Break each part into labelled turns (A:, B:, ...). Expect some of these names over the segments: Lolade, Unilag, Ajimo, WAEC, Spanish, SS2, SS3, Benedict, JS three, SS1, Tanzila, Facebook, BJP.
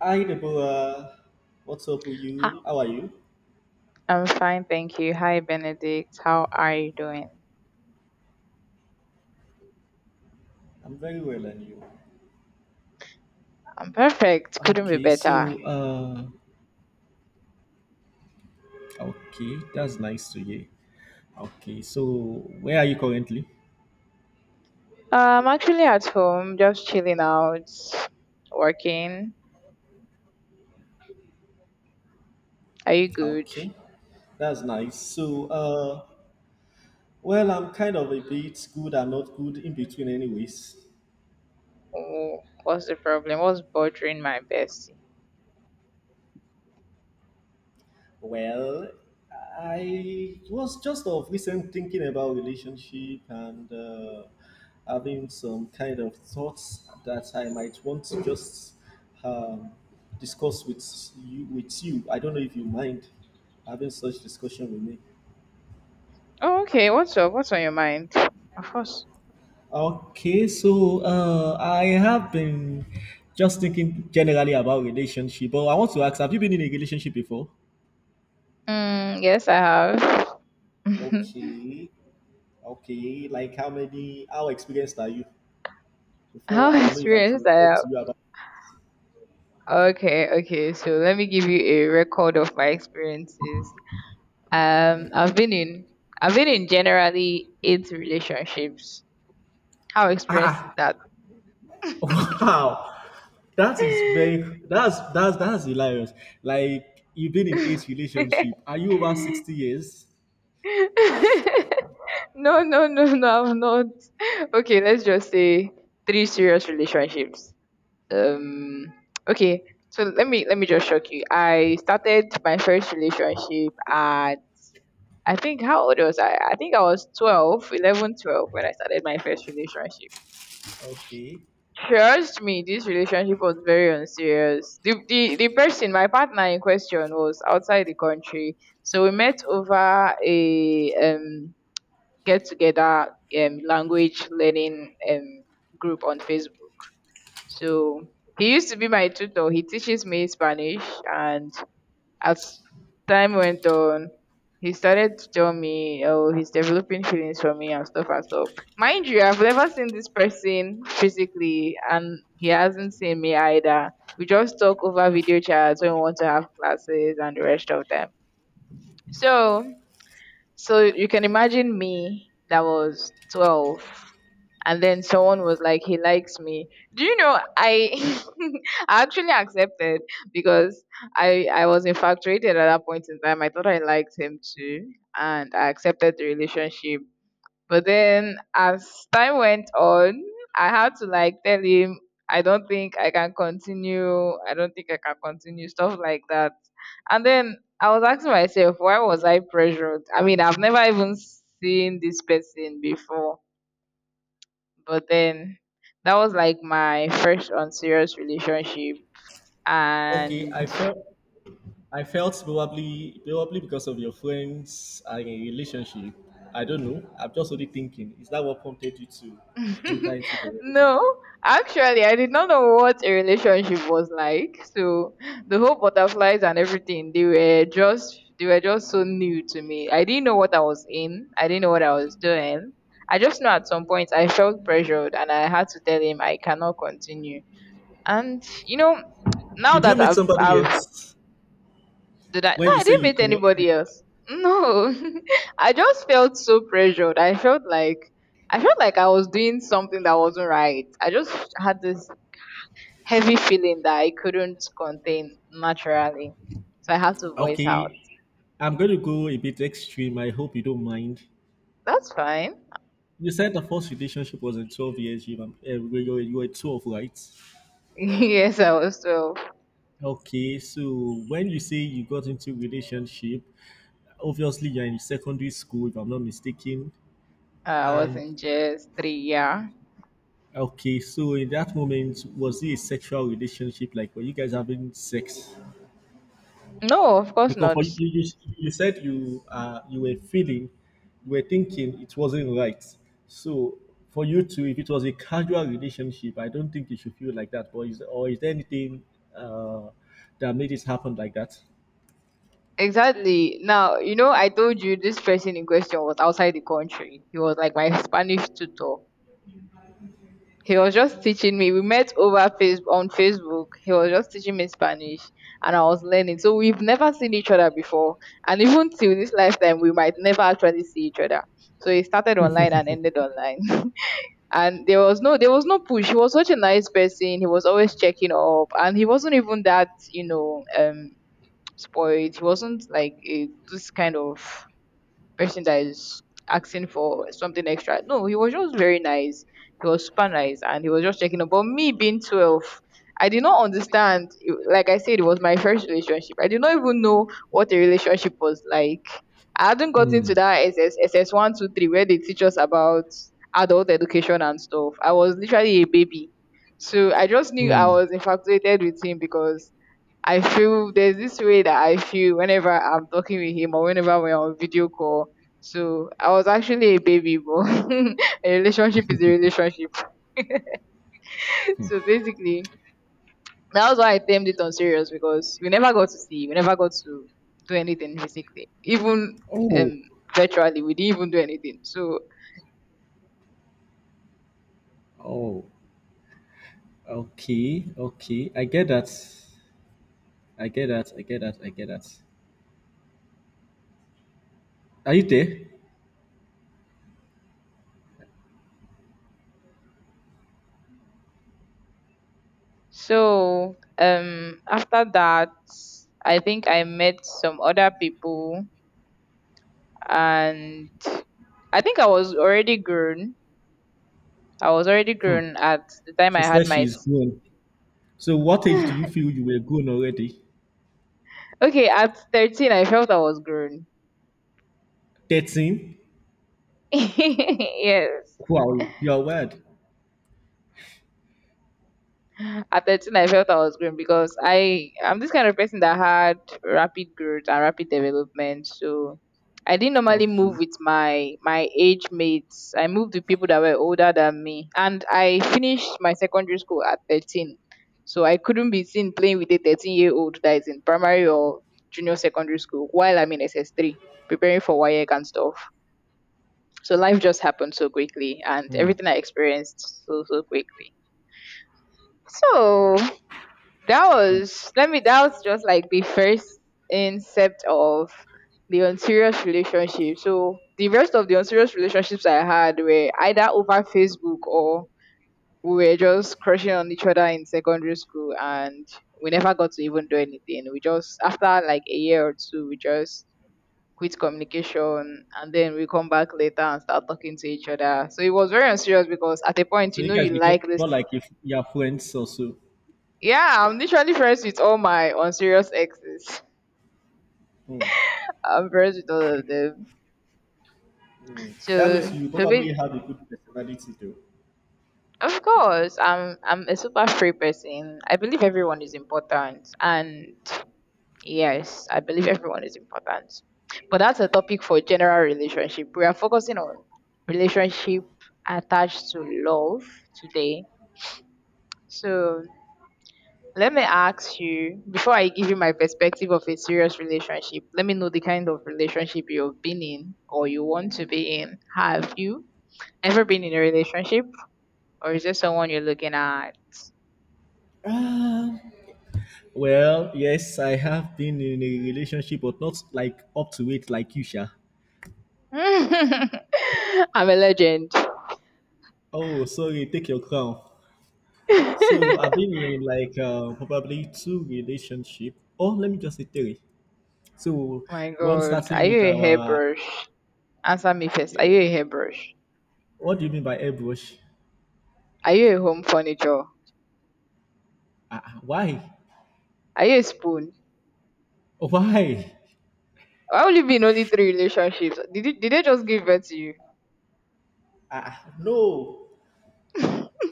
A: Hi Deborah, what's up with
B: Hi,
A: you? How are you?
B: I'm fine, thank you. Hi, Benedict. How are you doing?
A: I'm very well, and you?
B: I'm perfect. Couldn't be
A: Okay,
B: better.
A: okay, that's nice to hear. Okay, so where are you currently?
B: I'm actually at home, just chilling out, working. Are you good?
A: Okay, that's nice. Well, I'm kind of a bit good and not good in between, anyways.
B: Oh, what's the problem? What's bothering my bestie?
A: Well, I was just of recent thinking about relationship and having some kind of thoughts that I might want to just um, discuss with you. With you, I don't know if you mind having such discussion with me.
B: Oh, okay. What's up? What's on your mind? Of course.
A: Okay, so I have been just thinking generally about relationship, but I want to ask: Have you been in a relationship before?
B: Yes, I have.
A: Okay, okay. Like how many? How experienced are you? Before
B: How
A: I will know if I should
B: experienced
A: talk
B: I am.
A: to you about
B: Okay, okay. So let me give you a record of my experiences. Um, I've been in I've been in generally eight relationships. How experienced is
A: Ah,
B: that?
A: wow. That is very that's hilarious. Like you've been in eight relationship. Are you over 60 years?
B: No, no, no, no, I've not. Okay, let's just say three serious relationships. Um, okay, so let me just shock you. I started my first relationship at I think how old was I? I think I was 12, 11, 12 when I started my first relationship.
A: Okay.
B: Trust me, this relationship was very unserious. The person, my partner in question, was outside the country, so we met over a get together language learning group on Facebook. So he used to be my tutor. He teaches me Spanish, and as time went on, he started to tell me, oh, he's developing feelings for me and stuff and stuff. Mind you, I've never seen this person physically, and he hasn't seen me either. We just talk over video chats when we want to have classes and the rest of them. So, so you can imagine, me that was 12 and then someone was like he likes me, do you know? I I actually accepted because I was infatuated at that point in time. I thought I liked him too, and I accepted the relationship. But then as time went on, I had to like tell him I don't think I can continue, I don't think I can continue, stuff like that. And then I was asking myself, why was I pressured? I mean, I've never even seen this person before. But then that was like my first unserious relationship.
A: Okay.
B: And
A: I felt probably because of your friends are in a relationship. I don't know. I'm just only thinking. Is that what prompted you to enter into the
B: no,
A: relationship?
B: actually, I did not know what a relationship was like. So the whole butterflies and everything, they were just so new to me. I didn't know what I was in. I didn't know what I was doing. I just know at some point I felt pressured and I had to tell him I cannot continue. And you know, Now
A: Did you
B: that
A: meet
B: I've
A: somebody
B: I've
A: else
B: Did I? No,
A: when you
B: I
A: say
B: didn't
A: you
B: meet
A: cannot?
B: anybody else. No, I just felt so pressured. I felt like I was doing something that wasn't right. I just had this heavy feeling that I couldn't contain naturally, so I had to voice out.
A: Okay, I'm going to go a bit extreme. I hope you don't mind.
B: That's fine.
A: You said the first relationship was in 12 years. You were 12, right?
B: Yes, I was 12.
A: Okay, so when you say you got into relationship, obviously you're in secondary school, if I'm not mistaken.
B: I was
A: And
B: in JS three. Yeah.
A: okay, so in that moment, was it a sexual relationship? Like, were you guys having sex?
B: No, of course
A: Because for
B: not.
A: you, you said you were feeling, you were thinking it wasn't right. So for you too, if it was a casual relationship, I don't think you should feel like that. Or is there anything uh, that made it happen like that?
B: Exactly. I told you this person in question was outside the country. He was like my Spanish tutor. He was just teaching me. We met over face on Facebook. He was just teaching me Spanish and I was learning. So we've never seen each other before. And even till this lifetime, we might never actually see each other. So it started online and ended online. And there was no push. He was such a nice person. He was always checking up and he wasn't even that, spoiled. He wasn't like this kind of person that is asking for something extra. No, he was just very nice. He was super nice and he was just checking up. But me being 12, I did not understand. Like I said, it was my first relationship. I did not even know what a relationship was like. I hadn't gotten to that SS 123 where they teach us about adult education and stuff. I was literally a baby. So I just knew I was infatuated with him because I feel there's this way that I feel whenever I'm talking with him or whenever we're on video call. So I was actually a baby, but a relationship is a relationship. So basically, that was why I termed it on serious because we never got to see, we never got to do anything physically, even
A: Oh,
B: um virtually, we didn't even do anything. So
A: oh, okay, okay. I get that. I get that. I get that. I get that. Are you there?
B: after that, I think I met some other people and I think I was already grown, I was already
A: Hmm.
B: grown at the time I
A: She
B: had
A: says
B: my.
A: she's
B: s-
A: grown. So, what age do you feel you were grown already?
B: Okay, at 13, I felt I was grown.
A: 13?
B: Yes.
A: Wow, you're word.
B: At 13, I felt I was growing because I'm this kind of person that had rapid growth and rapid development. So I didn't normally move
A: Okay.
B: with my age mates. I moved with people that were older than me, and I finished my secondary school at 13. So I couldn't be seen playing with a 13-year-old that is in primary or junior secondary school while I'm in SS3 preparing for WAEC and stuff. So life just happened so quickly, and everything I experienced so quickly. So that was, let me that was just like the first incept of the unserious relationship. So the rest of the unserious relationships I had were either over Facebook or we were just crushing on each other in secondary school, and we never got to even do anything. We just After like a year or two, we just quit communication. And then we come back later and start talking to each other, so it was very unserious because at a point,
A: So
B: you
A: you
B: know,
A: guys
B: you like
A: became
B: this.
A: more like if you're friends also.
B: Yeah, I'm literally friends with all my unserious exes.
A: Hmm.
B: I'm friends with all of them. So,
A: That means you
B: so
A: probably
B: basi-
A: have a good personality though.
B: Of course, I'm a super free person. I believe everyone is important, and yes, I believe everyone is important. But that's a topic for general relationship. We are focusing on relationship attached to love today. So let me ask you before I give you my perspective of a serious relationship. Let me know the kind of relationship you've been in or you want to be in. Have you ever been in a relationship? Or is there someone you're looking at?
A: Ah, well, yes, I have been in a relationship, but not like up to it like you, Sha.
B: I'm a legend.
A: Oh, sorry, take your crown. So I've been in like probably two relationship. Oh, let me just say three. So
B: My
A: one
B: God,
A: starting
B: are you
A: with
B: a
A: our.
B: hairbrush? Answer me first. Are you a hairbrush?
A: What do you mean by airbrush?
B: Are you a home furniture?
A: Why?
B: Are you a spoon?
A: Oh, why?
B: Why would you be in only three relationships? Did they just give birth to you?
A: No.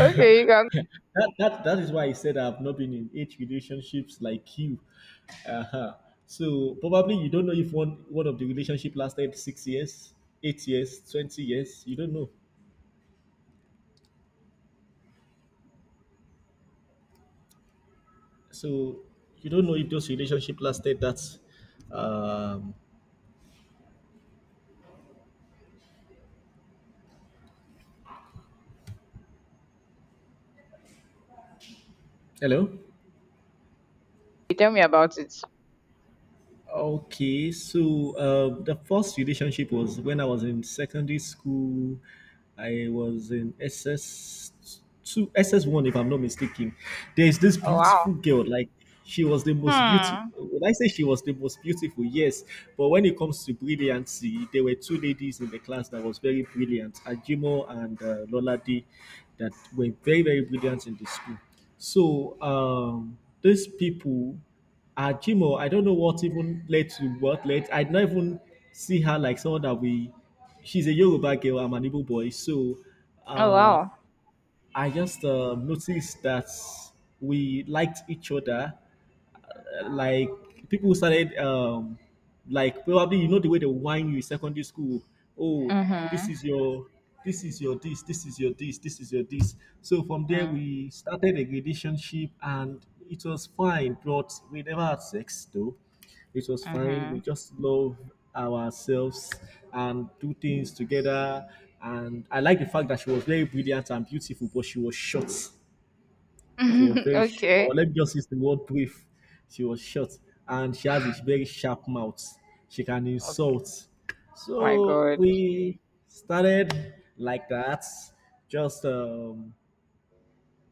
B: Okay, you can
A: That is why I said I've not been in eight relationships like you. Uh-huh. So probably you don't know if one of the relationship lasted 6 years, 8 years, 20 years. You don't know. So you don't know if those relationship lasted that. Um, hello.
B: tell me about it.
A: Okay, so the first relationship was when I was in secondary school. I was in SS two, SS one, if I'm not mistaken. There is this
B: Oh wow.
A: beautiful girl, like she was the most beautiful.
B: Hmm.
A: When I say she was the most beautiful, yes, but when it comes to brilliancy, there were two ladies in the class that was very brilliant, Ajimo and Lolade, that were very brilliant in the school. So these people. Ah, Jimo, I don't know what led. I don't even see her like someone that we. She's a Yoruba girl. I'm an Igbo boy, so
B: Oh
A: uh,
B: wow.
A: I just noticed that we liked each other like people started like probably you know the way they whine you in secondary school oh this
B: Mhm.
A: is your this is your this this is your this this is your this, so from there
B: Mm.
A: we started a relationship and it was fine, but we never had sex though. It was fine, we
B: Mhm.
A: just love ourselves and do things together, and I like the fact that she was very brilliant and beautiful but she was short. She was very short, or
B: Okay.
A: let me just use the word brief. She was short and she has a very sharp mouth. She can
B: Okay.
A: insult.
B: My
A: So
B: God.
A: we started like that. Just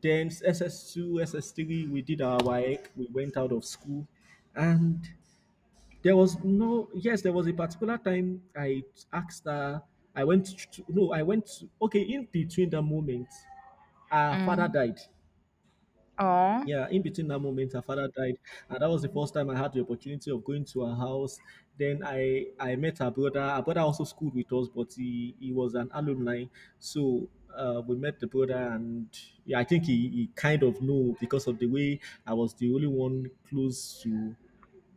A: then SS2, SS3, we did our work. We went out of school and there was no, yes, there was a particular time I asked her, I went to, no, I went to, okay, in between the moment, her father
B: Mm.
A: died.
B: Oh.
A: Yeah, in between that moment her father died, and that was the first time I had the opportunity of going to her house. Then I met her brother. Her brother also schooled with us, but he was an alumni. So we met the brother and yeah, I think he kind of knew, because of the way I was the only one close to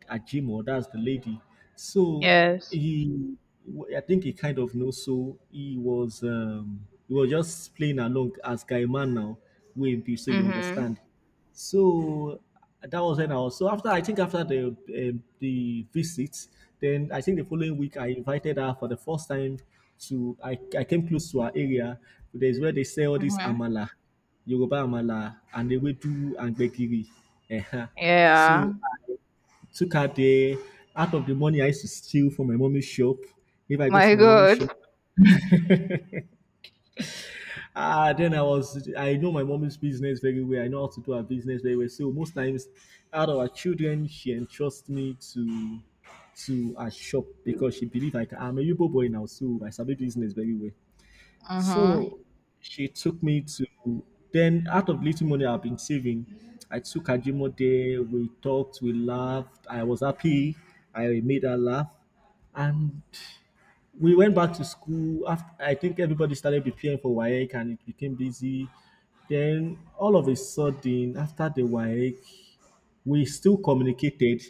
A: at Jimo, that's the lady. So
B: Yes.
A: he, I think he kind of knows. So he was just playing along as guy man now, with be so you
B: Mhm.
A: understand. So that was when I was. So after I think after the visit, then I think the following week I invited her for the first time to. I came close to her area. There's where they sell all this
B: Mhm.
A: amala, Yoruba amala, and they will do and gbegiri. Eh, eh. So
B: Yeah.
A: took out the out of the money I used to steal from my mommy's shop. If I go
B: My
A: to my mommy's
B: God.
A: shop, ah, then I was I know my mommy's business very well. I know how to do her business very well. So most times, out of our children, she entrusts me to her shop because she believe I can. I'm a Yoruba boy now, so I sabi business very well.
B: Mhm.
A: So she took me to then out of little money I've been saving, I took Ajimo there, we talked, we laughed, I was happy, I made her laugh. And we went back to school after I think everybody started preparing for WAEC and it became busy. Then all of a sudden after the WAEC we still communicated,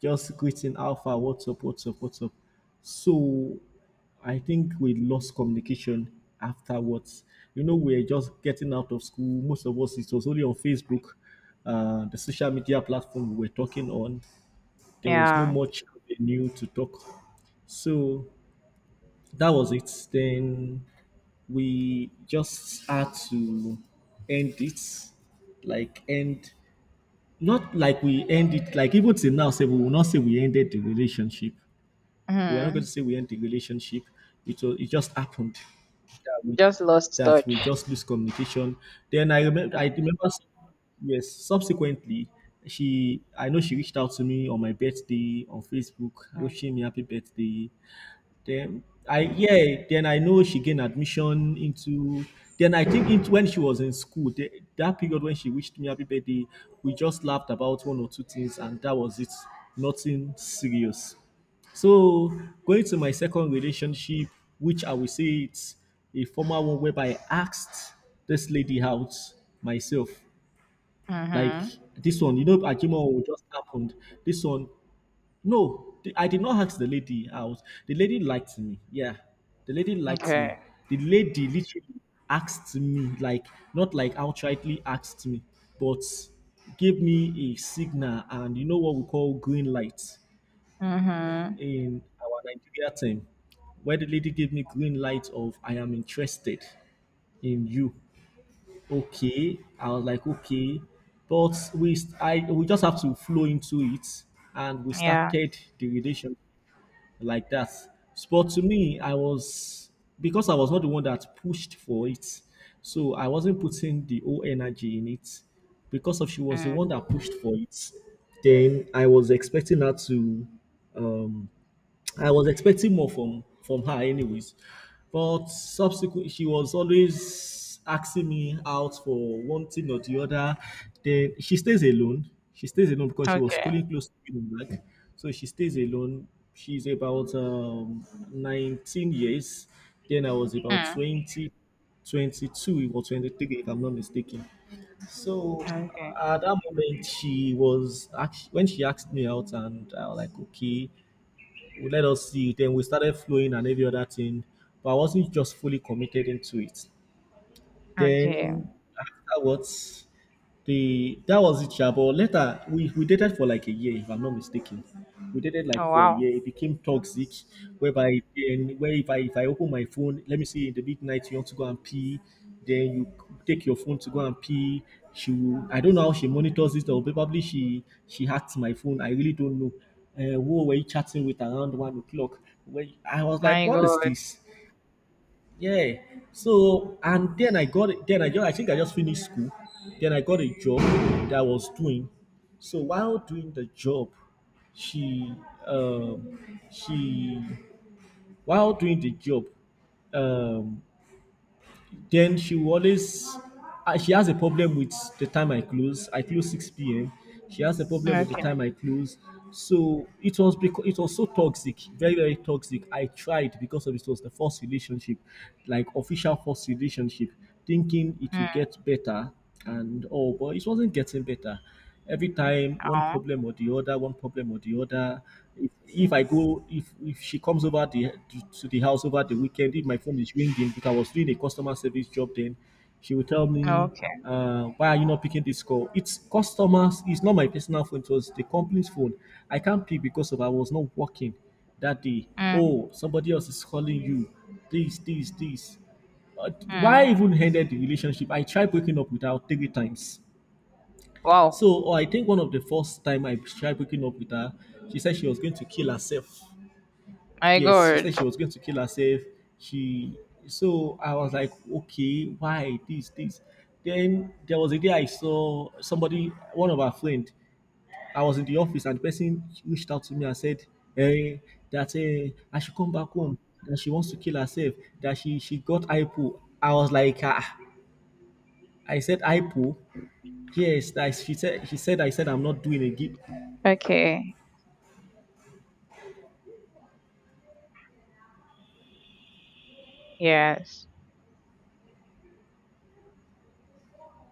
A: just greeting, how far, what's up. So I think we lost communication afterwards. You know, we're just getting out of school. Most of us, it was only on Facebook, the social media platform we were talking on. There was no
B: Yeah.
A: much new to talk. So that was it. Then we just had to end it, like end, not like we end it, like even till now, say we will not say we ended the relationship. We are not going
B: Mhm.
A: to say we end the relationship. It was, it just happened that we
B: Just lost
A: that we
B: touch.
A: just lose communication. Then yes, subsequently she, I know she reached out to me on my birthday on Facebook,
B: Mhm.
A: wishing me happy birthday. Then I yeah, then I know she gained admission into. Then I think it, when she was in school, the, that period when she wished me happy birthday, we just laughed about one or two things, and that was it. Nothing serious. So going to my second relationship, which I will say it's a formal one whereby I asked this lady out myself. Like
B: Mhm.
A: this one, you know, Ajima just happened. This one, no, the- I did not ask the lady out. The lady liked me. Yeah, the lady liked me.
B: Okay.
A: The lady literally asked me, like, not like outrightly asked me, but gave me a signal and you know what we call green light
B: Mhm.
A: in our Nigeria term, where the lady gave me green light of I am interested in you. Okay, I was like, okay, but we st- I we just have to flow into it, and we
B: Yeah.
A: started the relationship like that. But to me, I was, because I was not the one that pushed for it, so I wasn't putting the whole energy in it. Because of she was the
B: Mm.
A: one that pushed for it, then I was expecting her to um, I was expecting more from her anyways. But subsequently, she was always asking me out for one thing or the other. Then she stays alone. She stays alone because she was
B: Okay.
A: schooling close to Unilag. So she stays alone. She's about 19 years. Then I was about
B: Mm.
A: 20, 22 or 23, if I'm not mistaken. So
B: Okay.
A: at that moment, when she asked me out, and I was like, okay. We let us see it. Then we started flowing and every other thing, but I wasn't just fully committed into it.
B: Okay.
A: Then afterwards, the that was it, yeah. But later we dated for like a year, if I'm not mistaken. We dated like
B: Oh
A: for a
B: wow.
A: year. It became toxic, whereby then where if I open my phone, let me see in the midnight you want to go and pee, then you take your phone to go and pee. She will, I don't know how she monitors it or probably she hacked my phone. I really don't know. Who were you chatting with around 1 o'clock? When I was like,
B: My
A: what is
B: God.
A: this? Yeah. So and then I got it. Then I just finished school. Then I got a job that I was doing. So while doing the job, she um she while doing the job, um then she will always, she has a problem with the time I close. I close 6 p.m. She has a problem with the
B: Okay.
A: time I close. So it was, because it was so toxic, very toxic. I tried, because of it was the first relationship, like official first relationship, thinking it would
B: Mm.
A: get better and all, but it wasn't getting better, every time one
B: Oh.
A: problem or the other, one problem or the other. If I go, if she comes over the to the house over the weekend, if my phone is ringing because I was doing a customer service job, then she will tell me,
B: Okay.
A: "Why are you not picking this call?" It's customers. It's not my personal phone. It was the company's phone. I can't pick because of I was not working that day.
B: Mm.
A: Oh, somebody else is calling you. This, this, this. Uh, why I
B: Mm.
A: even ended the relationship? I tried breaking up with her three times.
B: Wow.
A: So oh, I think one of the first time I tried breaking up with her, she said she was going to kill herself.
B: My
A: Yes, she
B: God.
A: said she was going to kill herself. She so I was like, okay, why this? Then there was a day I saw somebody, one of our friend. I was in the office and the person reached out to me and said, eh, that eh, I should come back home. That she wants to kill herself. That she got hypo. I was like, ah, I said hypo. Yes, that she said I said I'm not doing again
B: Okay. Yes.